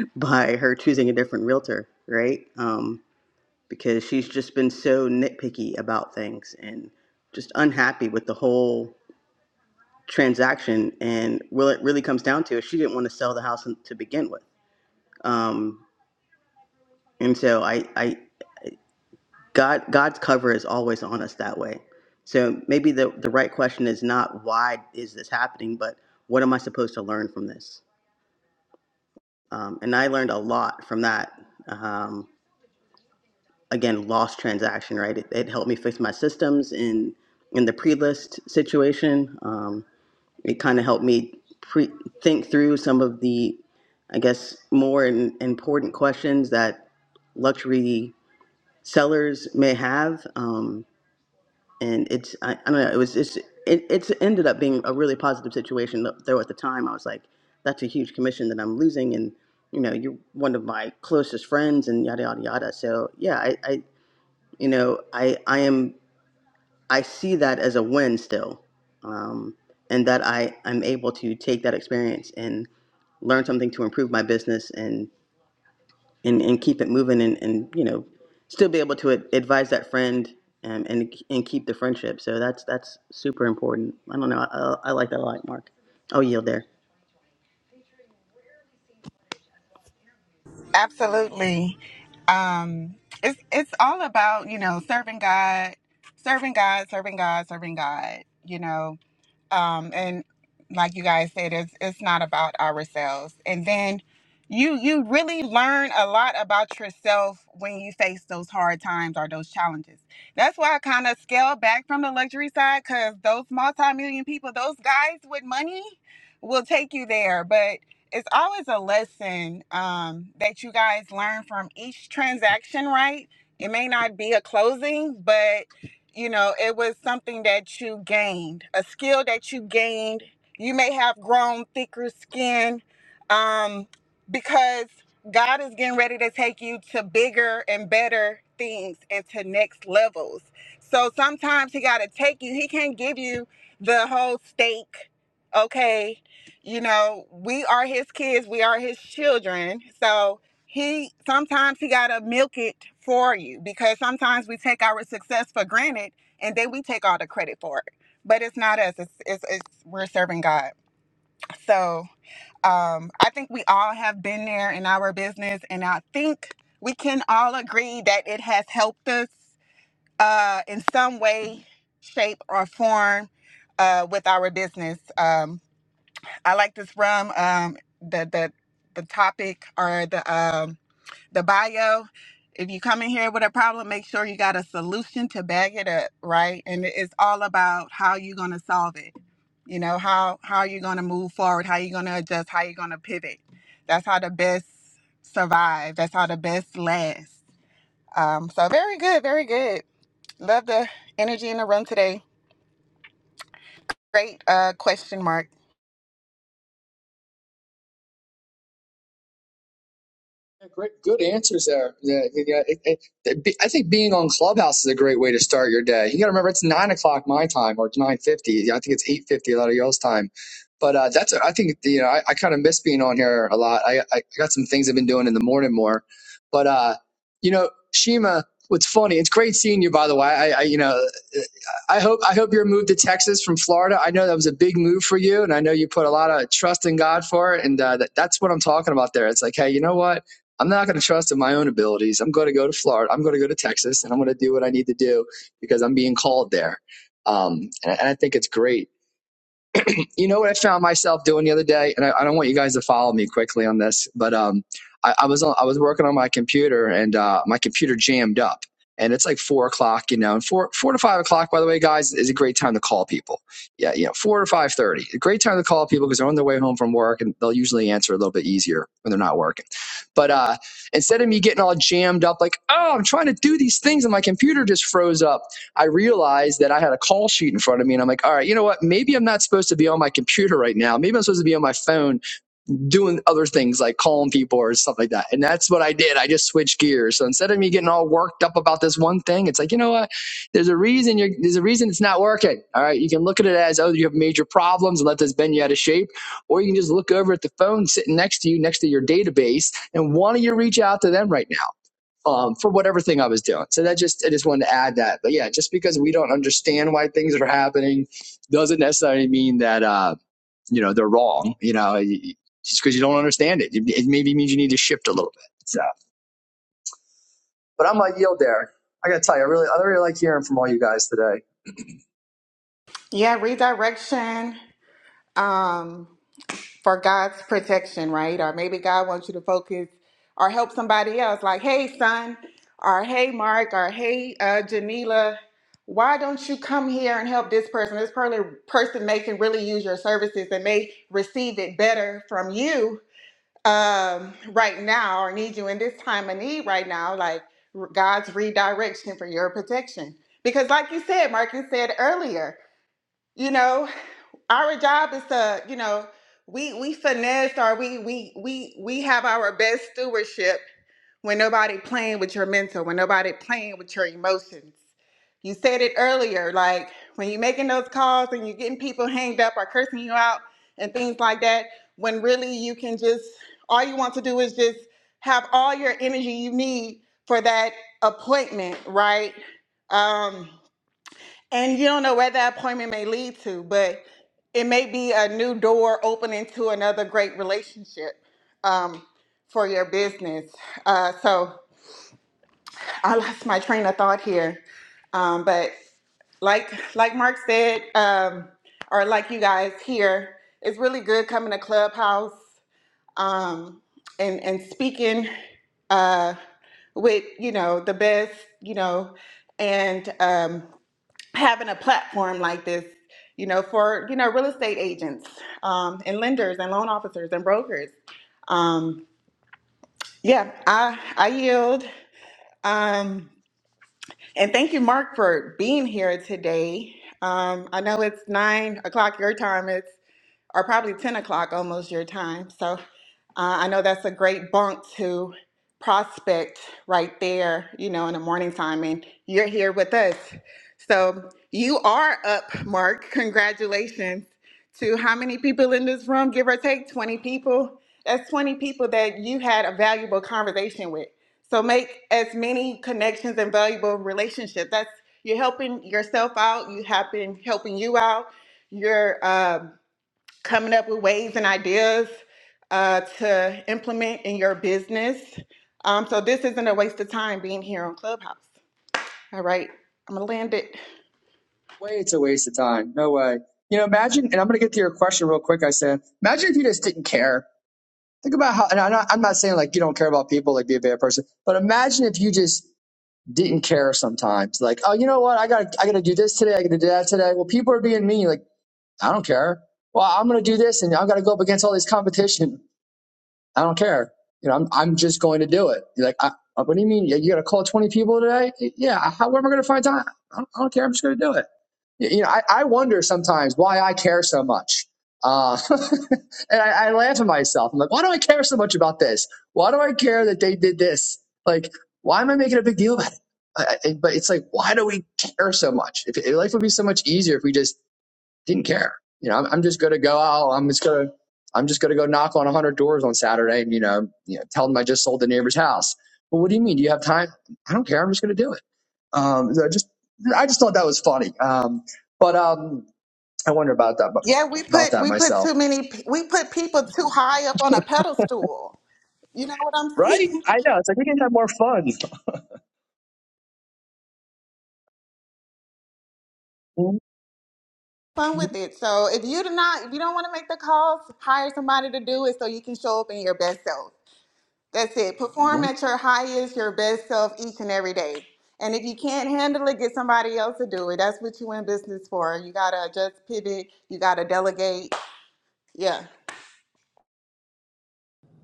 <laughs> by her choosing a different realtor, right? Um, because she's just been so nitpicky about things and just unhappy with the whole transaction. And well, it really comes down to is she didn't want to sell the house to begin with. Um, and so I, I, God, God's cover is always on us that way. So maybe the, the right question is not why is this happening, but what am I supposed to learn from this? Um, and I learned a lot from that. Um, again, lost transaction, right? It, it helped me fix my systems in in the pre-list situation. Um, it kind of helped me pre- think through some of the, I guess, more in, important questions that luxury sellers may have. Um, and it's I, I don't know it was just it, it's ended up being a really positive situation Th- though at the time i was like that's a huge commission that i'm losing and you know you're one of my closest friends and yada yada yada so yeah i, I you know i i am i see that as a win still um, and that i i'm able to take that experience and learn something to improve my business and, and keep it moving and, and you know still be able to ad- advise that friend um, and and keep the friendship so that's that's super important i don't know i, I I like that a lot mark i'll yield there Absolutely. Um, it's it's all about you know serving God, serving God, serving God, serving God. You know, um, and like you guys said, it's it's not about ourselves. And then you you really learn a lot about yourself when you face those hard times or those challenges. That's why I kind of scale back from the luxury side because those multi-million people, those guys with money, will take you there, but. It's always a lesson um, that you guys learn from each transaction, right? It may not be a closing, but you know it was something that you gained a skill that you gained you may have grown thicker skin um because god is getting ready to take you to bigger and better things and to next levels so sometimes he got to take you he can't give you the whole steak okay you know we are his kids we are his children so he sometimes he gotta milk it for you because sometimes we take our success for granted and then we take all the credit for it but it's not us it's it's, it's we're serving god so um i think we all have been there in our business and i think we can all agree that it has helped us uh in some way shape or form uh with our business um i like this from um the the the topic or the um the bio if you come in here with a problem make sure you got a solution to bag it up right and it's all about how you're going to solve it you know how how you're going to move forward how you're going to adjust how you're going to pivot that's how the best survive that's how the best last um, so very good very good love the energy in the room today great uh, question mark Yeah, Great, good answers there. Yeah, yeah, it- it- I think being on Clubhouse is a great way to start your day. You got to remember it's nine o'clock my time, or nine fifty. Yeah, I think it's eight fifty a lot of y'all's time. But uh, that's I think you know I, I kind of miss being on here a lot. I, I got some things I've been doing in the morning more, but uh, you know Shima, what's funny? It's great seeing you by the way. I, I you know I hope I hope your move to Texas from Florida. I know that was a big move for you, and I know you put a lot of trust in God for it. And uh, that, that's what I'm talking about there. It's like, hey, you know what? I'm not going to trust in my own abilities. I'm going to go to Florida. I'm going to go to Texas, and I'm going to do what I need to do because I'm being called there. Um, and, and I think it's great um, you know what I found myself doing the other day, and I, I don't want you guys to follow me quickly on this, but um, I, I was on, I was working on my computer, and uh, my computer jammed up, and it's like four o'clock, you know, and four four to five o'clock. By the way, guys, is a great time to call people. Yeah, you know, four to five thirty, a great time to call people because they're on their way home from work, and they'll usually answer a little bit easier when they're not working. But uh, instead of me getting all jammed up, like, oh, I'm trying to do these things, and my computer just froze up. I realized that I had a call sheet in front of me, and I'm like, all right, you know what? Maybe I'm not supposed to be on my computer right now. Maybe I'm supposed to be on my phone doing other things like calling people or stuff like that. And that's what I did. I just switched gears. So instead of me getting all worked up about this one thing, it's like, you know what? There's a reason you're, there's a reason it's not working. All right. You can look at it as, oh, you have major problems and let this bend you out of shape. Or you can just look over at the phone sitting next to you, next to your database, and why don't you reach out to them right now? um, for whatever thing I was doing. So that just I just wanted to add that. But yeah, just because we don't understand why things are happening doesn't necessarily mean that uh, you know they're wrong. You know, just because you don't understand it, it it maybe means you need to shift a little bit. So, but I'm gonna yield there. I gotta tell you, I really I really like hearing from all you guys today. yeah redirection Um, for God's protection, right? Or maybe God wants you to focus or help somebody else, like, hey, son, or hey, Mark, or hey, uh, Janila, why don't you come here and help this person? This per- person may can really use your services and may receive it better from you um, right now or need you in this time of need right now, like r- God's redirection for your protection. Because, like you said, Mark, you said earlier, you know our job is to you know we we finesse or we we we we have our best stewardship when nobody playing with your mental when nobody playing with your emotions you said it earlier like when you're making those calls and you're getting people hanged up or cursing you out and things like that when really you can just all you want to do is just have all your energy you need for that appointment right um and you don't know where that appointment may lead to, but it may be a new door opening to another great relationship um, for your business. Uh, so I lost my train of thought here, um, but like like Mark said, um, or like you guys here, it's really good coming to Clubhouse um, and and speaking uh, with you know the best you know and. Um, having a platform like this, you know, for you know real estate agents um, and lenders and loan officers and brokers. Um, yeah, I I yield. Um, and thank you, Mark, for being here today. Um, I know it's nine o'clock your time or probably 10 o'clock almost your time. So uh, I know that's a great bunk to prospect right there, you know, in the morning time. And you're here with us. So you are up, Mark. Congratulations to how many people in this room, give or take 20 people. That's 20 people that you had a valuable conversation with. So make as many connections and valuable relationships. That's you're helping yourself out. You have been helping you out. You're um coming up with ways and ideas uh, to implement in your business. Um, so this isn't a waste of time being here on Clubhouse. All right, I'm gonna land it. Way it's a waste of time. No way. You know, imagine, and I'm gonna get to your question real quick. I said, imagine if you just didn't care. Think about how, and I'm not, I'm not saying like you don't care about people, like be a bad person, but imagine if you just didn't care sometimes. Like, oh, you know what? I got I got to do this today. I got to do that today. Well, people are being mean. Like, I don't care. Well, I'm going to do this, and i have got to go up against all this competition. I don't care. You know, I'm, I'm just going to do it. You're like, I, uh, what do you mean? Yeah, You, got to call 20 people today? Yeah. How, am I going to find time? I don't, I don't care. I'm just going to do it. You, you know, I, I wonder sometimes why I care so much. Uh, <laughs> and I, I laugh at myself. I'm like, why do I care so much about this? Why do I care that they did this? Like, why am I making a big deal about it? I, I, but it's like, why do we care so much? If, if life would be so much easier if we just didn't care. You know, I'm, I'm just gonna go out. I'm just gonna I'm just gonna go knock on a hundred doors on Saturday and you know, you know, tell them I just sold the neighbor's house. Well, what do you mean? Do you have time? I don't care. I'm just gonna do it. Um, so I just I just thought that was funny. Um, but um, I wonder about that Yeah, we about put that we put myself. too many pe- we put people too high up on a pedestal. You know what I'm Right? saying? I know. It's like we can have more fun. <laughs> Fun with it. So if you do not if you don't want to make the calls, hire somebody to do it so you can show up in your best self. That's it. Perform at your highest, your best self each and every day. And if you can't handle it, get somebody else to do it. That's what you in business for. You gotta adjust, pivot. You gotta delegate. Yeah.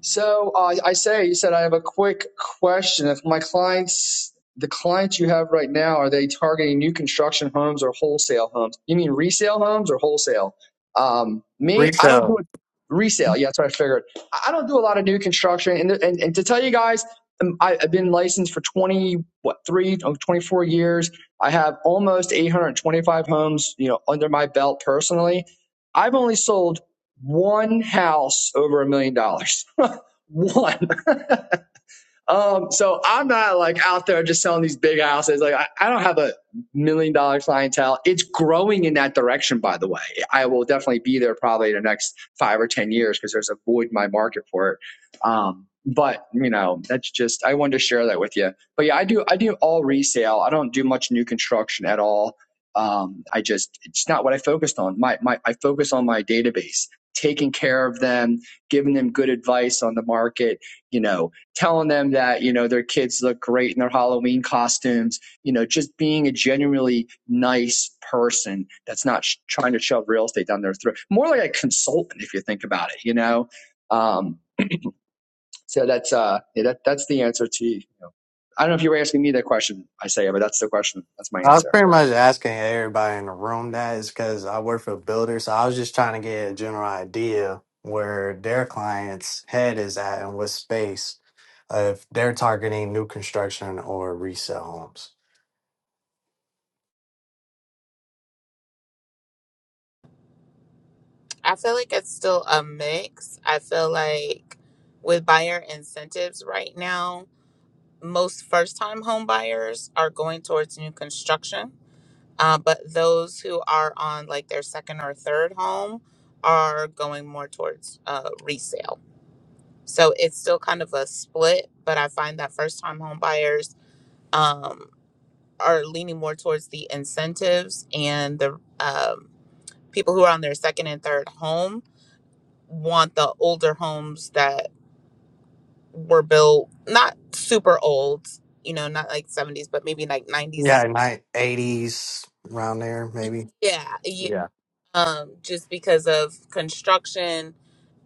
So uh, I say, you said I have a quick question. If my clients, the clients you have right now, are they targeting new construction homes or wholesale homes? You mean resale homes or wholesale? Um, me, I don't do Retail. it resale. Yeah, that's what I figured. I I don't do a lot of new construction. And and, and to tell you guys, um, I, I've been licensed for twenty what three oh, twenty-four years. I have almost eight hundred twenty five homes, you know, under my belt personally. I've only sold one house over a million dollars. <laughs> one. Um, so I'm not like out there just selling these big houses. Like I, I don't have a million dollar clientele. It's growing in that direction, by the way. I will definitely be there probably in the next five or ten years because there's a void in my market for it. Um, but you know, that's just I wanted to share that with you. But yeah, I do I do all resale. I don't do much new construction at all. Um, I just it's not what I focused on. My my I focus on my database, taking care of them, giving them good advice on the market you know, telling them that you know their kids look great in their Halloween costumes, you know, just being a genuinely nice person that's not sh- trying to shove real estate down their throat. More like a consultant, if you think about it, you know. Um, so that's uh, yeah, that that's the answer to. You know, I don't know if you were asking me that question, I say, but that's the question. That's my I was answer. pretty much asking everybody in the room that is because I work for builders, So I was just trying to get a general idea where their client's head is at and what space uh, if they're targeting new construction or resale homes. I feel like it's still a mix. I feel like with buyer incentives right now, most first time home buyers are going towards new construction. Uh, but those who are on like their second or third home are going more towards uh, resale So it's still kind of a split, but I find that first time home buyers um, are leaning more towards the incentives and the um, people who are on their second and third home want the older homes that were built not super old, you know, not like 70s, but maybe like 90s Yeah, like 80s around there, and maybe. yeah, um, just because of construction.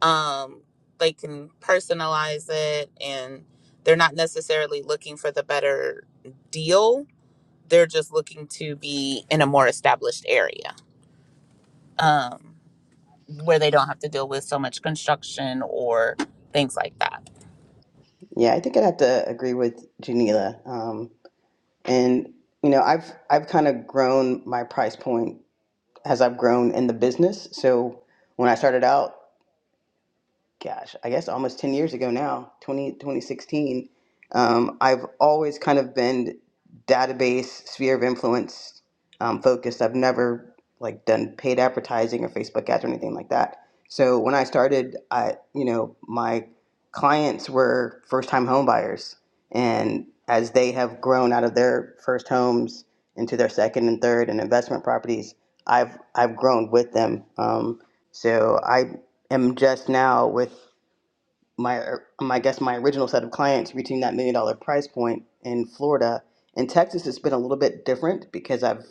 Um, they can personalize it and they're not necessarily looking for the better deal. They're just looking to be in a more established area um, where they don't have to deal with so much construction or things like that. yeah i think i'd have to agree with janila um, and you know i've i've kind of grown my price point as i've grown in the business so when i started out gosh, I guess almost 10 years ago now, twenty twenty sixteen, um, I've always kind of been database sphere of influence um, focused. I've never like done paid advertising or Facebook ads or anything like that. So when I started, I, you know, my clients were first time home buyers. And as they have grown out of their first homes into their second and third and investment properties, I've, I've grown with them. Um, so I am just now with my, um, I guess my original set of clients reaching that million dollar price point in Florida. In Texas, it's been a little bit different because I've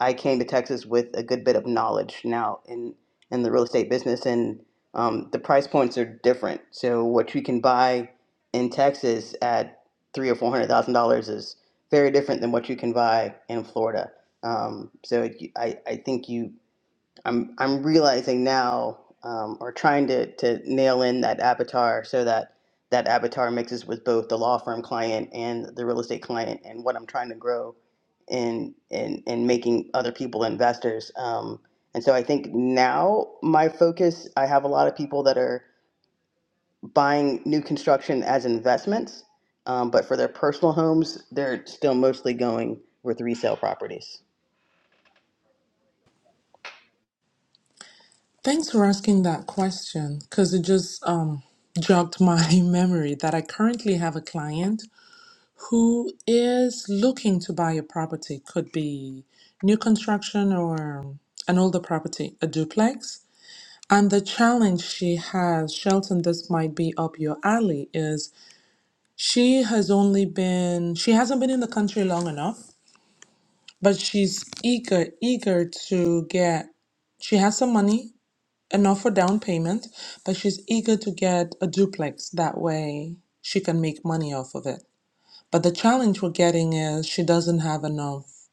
I came to Texas with a good bit of knowledge now in in the real estate business, and um, the price points are different. So what you can buy in Texas at three or four hundred thousand dollars is very different than what you can buy in Florida. Um, so it, I I think you I'm I'm realizing now, um, or trying to to nail in that avatar so that that avatar mixes with both the law firm client and the real estate client, and what I'm trying to grow in in in making other people investors. Um, and so I think now my focus, I have a lot of people that are buying new construction as investments, um, but for their personal homes, they're still mostly going with resale properties. Thanks for asking that question because it just um, jogged my <laughs> memory that I currently have a client who is looking to buy a property could be new construction or an older property, a duplex. And the challenge she has, Shelton, this might be up your alley, is she has only been, she hasn't been in the country long enough, but she's eager, eager to get, she has some money, enough for down payment, but she's eager to get a duplex. That way she can make money off of it. But the challenge we're getting is she doesn't have enough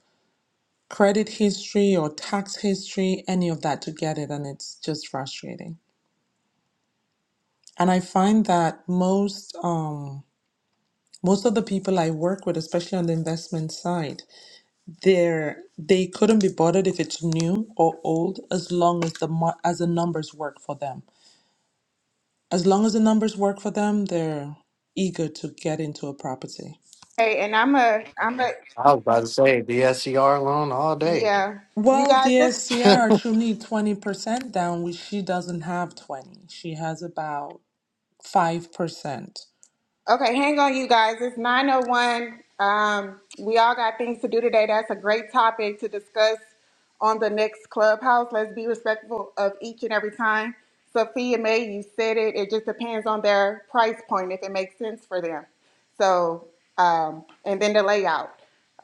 credit history or tax history, any of that to get it, and it's just frustrating. And I find that most um, most of the people I work with, especially on the investment side, they're they couldn't be bothered if it's new or old, as long as the mo- as the numbers work for them. As long as the numbers work for them, they're eager to get into a property. Hey, and I'm a, I'm a, I was about to say DSCR loan all day. yeah. You Well, guys, dear this, <laughs> Have Sierra True need 20% down, which she doesn't have 20. She has about 5%. Okay, hang on, you guys. It's 901. Um, we all got things to do today. That's a great topic to discuss on the next clubhouse. Let's be respectful of each and every time. Sophia May, you said it. It just depends on their price point if it makes sense for them. So, um, and then the layout,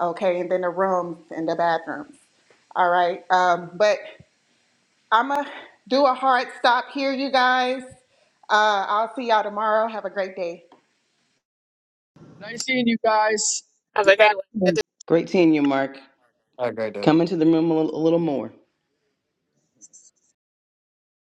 okay, and then the rooms and the bathrooms. All right. Um, but I'm going to do a hard stop here, you guys. Uh, I'll see y'all tomorrow. Have a great day. Nice seeing you guys. Have Be a great back. one. Good to soon. Great seeing you, Mark. a great day. Come into the room a little, a little more.